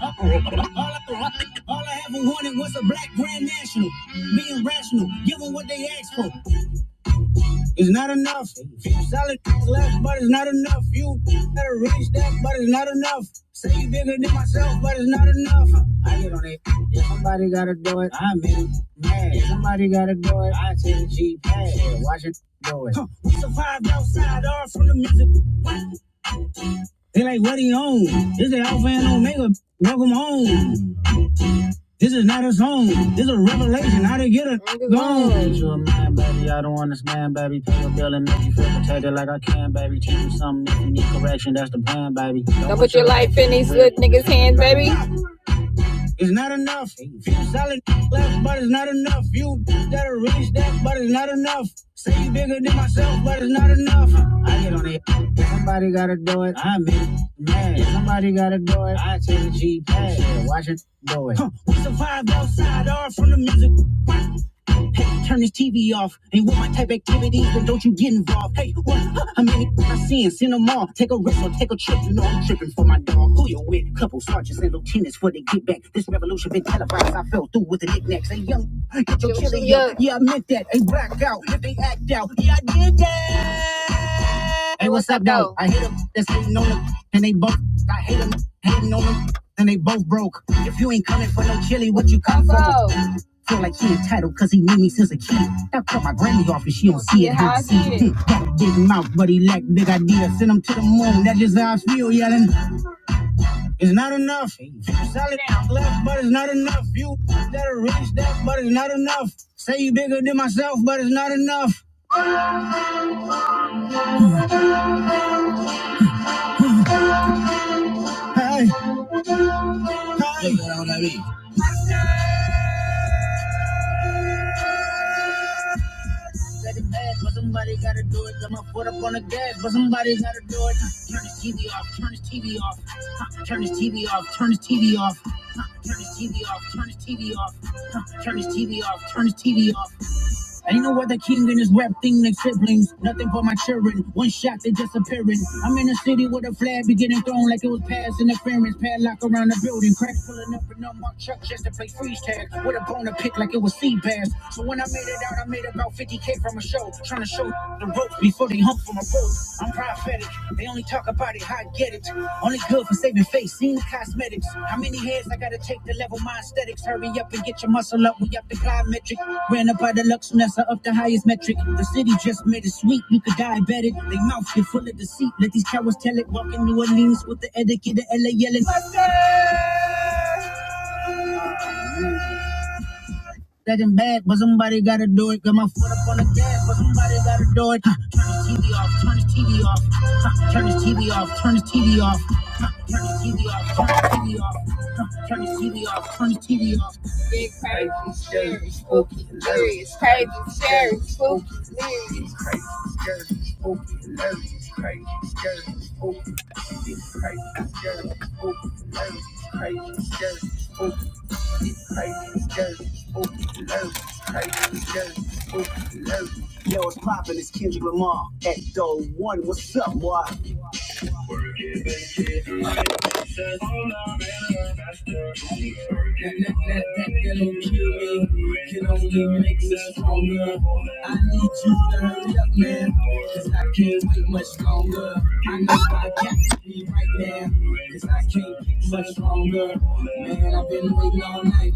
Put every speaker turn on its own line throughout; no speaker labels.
All I, all I ever wanted was a black grand national. Being rational, give what they ask for. It's not enough. Solid left, but it's not enough. You better reach that, but it's not enough. Say you bigger than myself, but it's not enough. I get on it. If somebody gotta do it, I'm in. Mad. If somebody gotta do it, I take the G pad. Watch it do it. Huh. We survived outside, all from the music. They like, what he on? This is Alpha and Omega. Welcome home. This is not a song. This is a revelation. How to get a gone. Get you a man, baby. I don't understand, baby. Pay your bill and make you feel protected like I can, baby. Teach you something if you need correction. That's the plan, baby. Don't, don't put your life in these little niggas' hands, baby. It's not enough. Few solid left, but it's not enough. Few that are really that, but it's not enough. Say you bigger than myself, but it's not enough. I get on it. Somebody gotta do it. I'm mad. somebody gotta do it. I take the G pad. Watch it do it. Huh. We survived outside, all from the music. Hey, turn this TV off. Ain't with my type activities, then don't you get involved. Hey, what? How many I seeing? Send them all. Take a risk or take a trip. You know I'm tripping for my dog. Who you with? Couple sergeants and lieutenants for the get back. This revolution been televised. I fell through with the knickknacks. Hey, young, get your chili up. Yeah, I meant that. Hey, black out. If they act out, yeah, I did that. Hey, what's up, though? I hate them. That's hating on them. And they both, I hate them. Hating on them. And they both broke. If you ain't coming for no chili, what you come for? Feel like he entitled cause he knew me since a kid. I cut my granny off and she don't see it. How I see it. Hmm. got him out, but he lack big ideas. Send him to the moon. That's just how I feel yelling. It's not enough. You solid, it down, left, but it's not enough. You that are rich, that, but it's not enough. Say you bigger than myself, but it's not enough. Hey, hey. Let it add, but somebody gotta do it. Got my foot up on the gas, but somebody gotta do it. Turn this TV off, turn this TV off. Huh, Turn this TV off, turn this TV off. Huh, Turn this TV off, turn this TV off. Huh, Turn this TV off, turn this TV off. And you know what? The king and his rap thing like siblings. Nothing for my children. One shot, they disappearing. I'm in a city with a flag be getting thrown like it was past interference. Padlock around the building. Cracks pulling up in unmarked truck just to play freeze tag. With a bone to pick like it was sea bass. So when I made it out, I made about 50k from a show. Trying to show the ropes before they hump from a boat. I'm I'm prophetic. They only talk about it, how I get it. Only good for saving face, seen the cosmetics. How many heads I gotta take to level my aesthetics? Hurry up and get your muscle up, we up the plyometric. Ran up by the Lux Nessa up the highest metric. The city just made it sweet, you could diabetic. They mouth get full of deceit, let these cowards tell it. Walking New Orleans with the etiquette, the LA yelling. Second bag, but somebody gotta do it. Got my foot up on the gas, but somebody gotta do it. Huh, Turn this TV off, turn this TV off. Huh, Turn this TV off, turn this TV off. Huh, Turn this TV off, turn this TV off. Huh, Turn this TV off, turn this TV off. Big crazy, scary, spooky, hilarious. Crazy, scary, spooky, hilarious. Yo, it's poppin'? It's Kendrick Lamar at Doe One. What's up, boy? I got right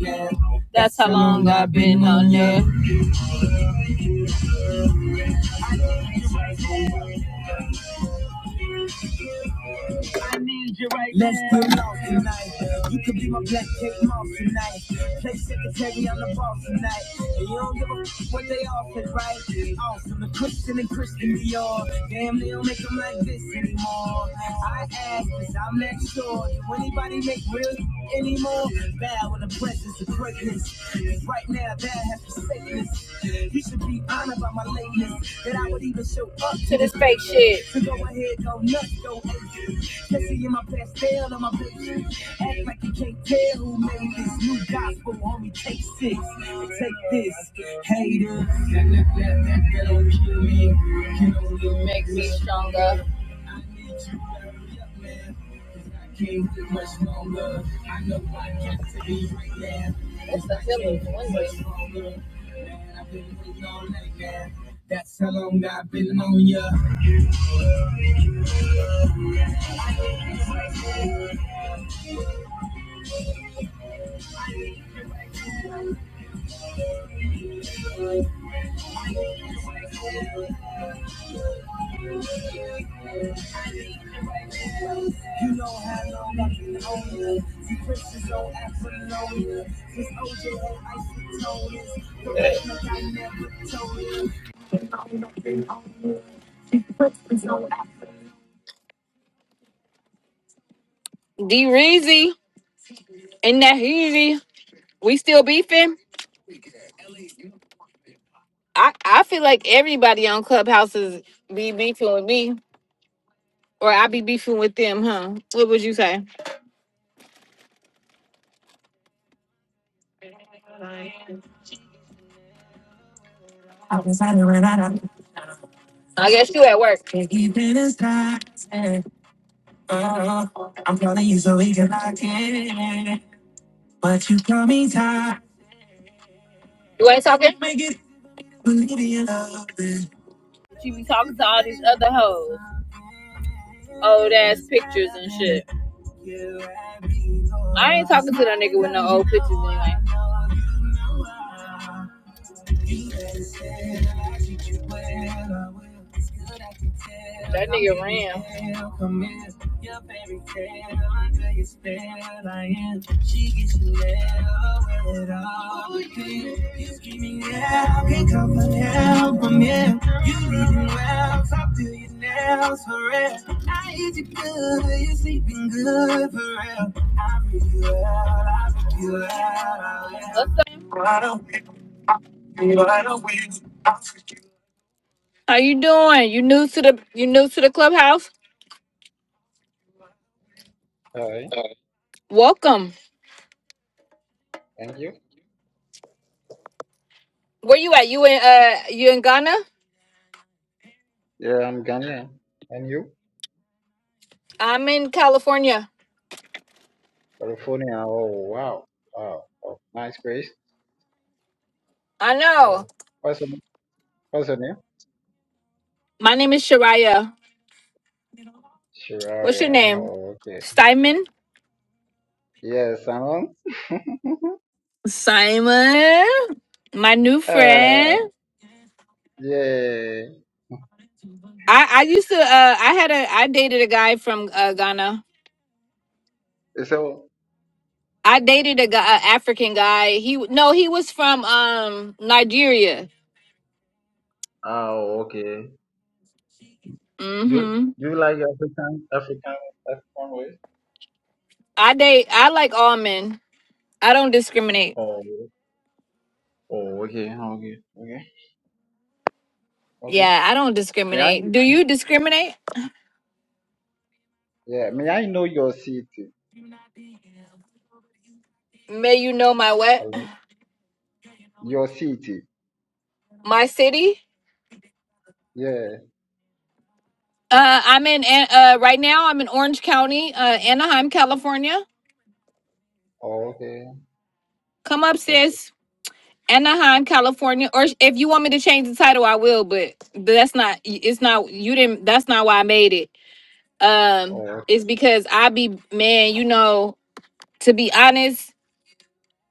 now. That's how long I've been on there. need you right now. Let's get lost tonight. You could be my black cake mom tonight. Play secretary on the ball tonight. And you don't give a f- what they all said, right? Awesome, the Christian and Christian Dior. Damn, they don't make them like this anymore. I ask, cause I'm not sure. Do anybody make real anymore? Bow in the presence of greatness. 'Cause right now, you should be honored by my latest that I would even show up to this fake shit. So go ahead, go nuts, go aces. Especially in my pastel on my pictures. Act like you can't tell who made this new gospel. Homie, take six. and Take this, haters. That, make me stronger. It's a D Reezy and that Heezy, we still beefing? I, I feel like everybody on Clubhouse is be beefing with me, or I be beefing with them, huh? What would you say? I guess you at work. But you got- You ain't talking? She be talking to all these other hoes, old ass pictures and shit. I ain't talking to that nigga with no old pictures anyway. That nigga ran. For real, I eat you good, you sleeping good for real. I read you out, I read you out. What's up? How you doing? You new to the you new to the clubhouse?
All right.
Welcome.
Thank you.
Where you at? You in uh you in Ghana?
Yeah, I'm Ghanaian. And you?
I'm in California.
California. Oh, wow. Wow. Oh, nice place.
I
Yeah.
know.
What's your, what's your name?
My name is Shariah. What's your
Shiraria.
name?
Oh, okay.
Simon.
Yes, I'm on.
Simon. My new
uh,
friend.
yeah.
I I used to uh I had a I dated a guy from uh, Ghana.
So,
I dated a guy, a African guy. He no, he was from um Nigeria.
oh, okay. Do,
Mhm.
do you like African, African, African way?
I date I like all men. I don't discriminate.
Oh, oh, okay. Okay. Okay. Okay.
Yeah, I don't
May I,
discriminate. Do you discriminate?
yeah, may I know your city?
May you know my what?
Hello? Your city.
My city?
Yeah.
Uh, I'm in An- uh right now. I'm in Orange County, uh, Anaheim, California.
Oh, okay.
Come up,
Okay.
sis. Anaheim, California. Or sh- if you want me to change the title, I will. But but that's not. It's not. You didn't. That's not why I made it. Um,
Oh,
it's
okay.
because I be man. You know, to be honest,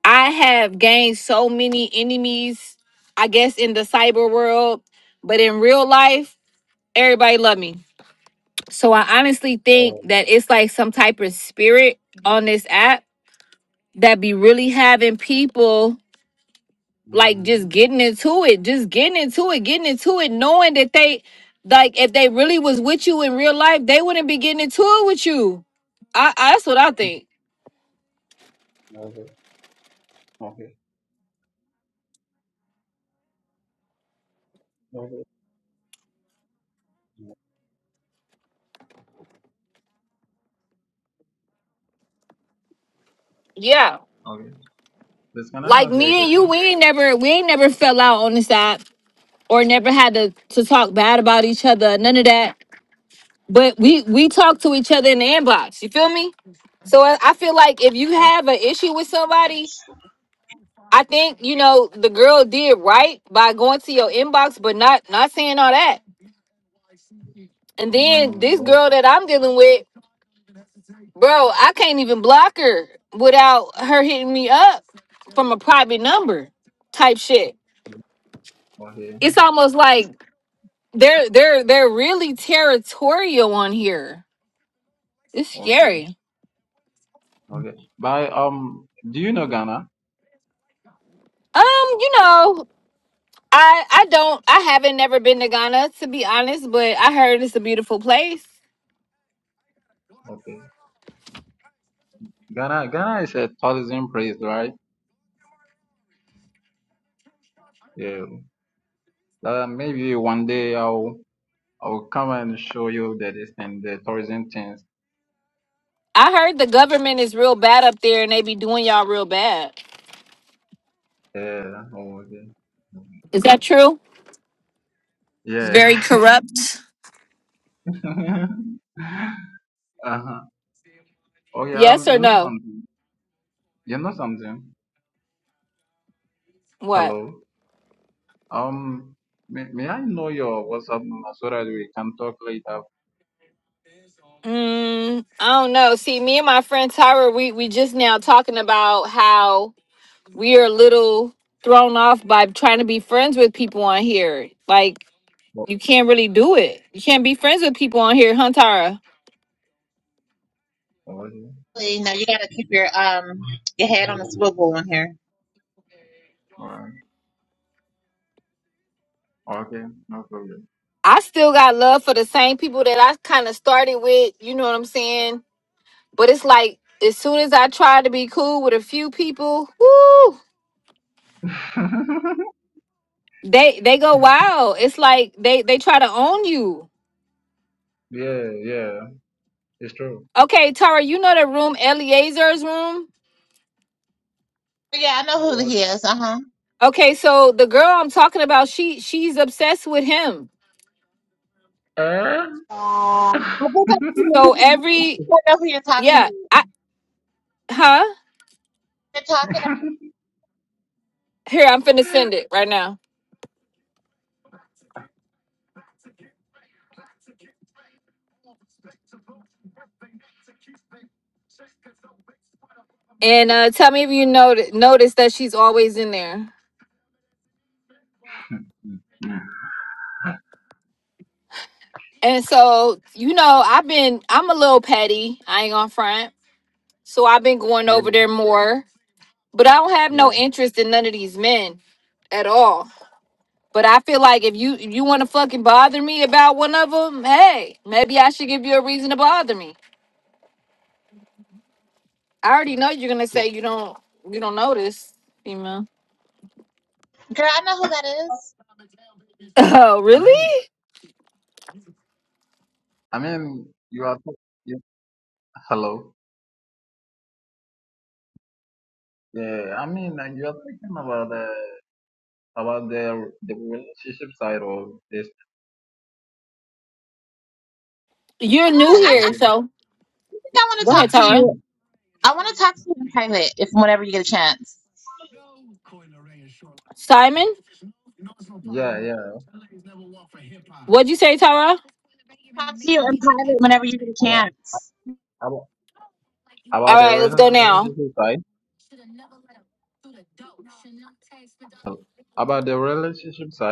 I have gained so many enemies. I guess in the cyber world, but in real life, everybody love me. So I honestly
Oh,
think that it's like some type of spirit on this app that be really having people like just
mm,
getting into it, just getting into it, getting into it, knowing that they like if they really was with you in real life, they wouldn't be getting into it with you. I, I that's what I think.
okay. Okay. Okay.
Yeah.
Okay. Please, can I
Like
ask you a
me and you,
question?
we ain't never we ain't never fell out on the side or never had to to talk bad about each other, none of that. But we we talk to each other in the inbox. You feel me? So I, I feel like if you
Okay.
have an issue with somebody, I think you know the girl did right by going to your inbox, but not not saying all that. And then this
mm,
girl that I'm dealing with, bro, I can't even block her without her hitting me up from a private number type shit.
Okay.
It's almost like they're they're they're really territorial on here. It's
Okay.
scary.
Okay. By um, do you know Ghana?
Um, you know, I I don't I haven't never been to Ghana to be honest, but I heard it's a beautiful place.
Okay. Ghana, Ghana is a tourism place, right? Yeah. Uh, maybe one day I'll I'll come and show you the this thing, the tourism things.
I heard the government is real bad up there and they be doing y'all real bad.
Yeah. Oh, okay.
Is that true? It's
Yeah.
very corrupt.
Uh-huh. Okay. Um,
Yes or
you know
no?
something? You know something?
What?
Hello. Um, may, may I know your WhatsApp number so that we can talk later?
Mm, I don't know. See, me and my friend Tyra, we we just now talking about how we are a little thrown off by trying to be friends with people on here. Like
Oh,
you can't really do it. You can't be friends with people on here, huh, Tyra?
Okay.
You know, you gotta keep your um your head on the swivel in here.
Alright. Okay. No problem.
I still got love for the same people that I kind of started with. You know what I'm saying? But it's like as soon as I try to be cool with a few people, woo, they they go wild. It's like they they try to own you.
yeah, yeah. It's true.
Okay, Tara, you know the room Eliezer's room.
Yeah, I
You
know
know
who
what?
he is. Uh huh.
Okay, so the girl I'm talking about, she she's obsessed with him.
Eh?
I think
So every
I know who you're talking about. I think I know who you're talking
yeah,
about.
I huh
You're talking about,
here I'm finna send it right now. And uh tell me if you notice notice that she's always in there. And so you know I've been I'm a little petty. I ain't gonna front. So I've been going
yeah,
over there more But I don't have no
yeah.
interest in none of these men at all. But I feel like if you if you want to fucking bother me about one of them, hey, maybe I should give you a reason to bother me. I already know you're gonna
So,
say you don't you don't notice, female.
girl. I
yeah.
know who that is.
Oh,
I mean,
really?
I mean, you are. talk- you, hello. Yeah, I mean, uh, you are talking about the about the the relationship side of this.
You're
I
new
wanna. I,
Oh,
I
here,
okay.
so
think I wanna
go
talk
ahead,
to
Tara.
you. I wanna talk to you in private if whenever you get a chance.
Simon,
yeah, yeah.
what'd you say, Tara?
Talk to you in private whenever you get a chance.
about
All
about the
right, let's go now.
relationship side. So about the relationship side.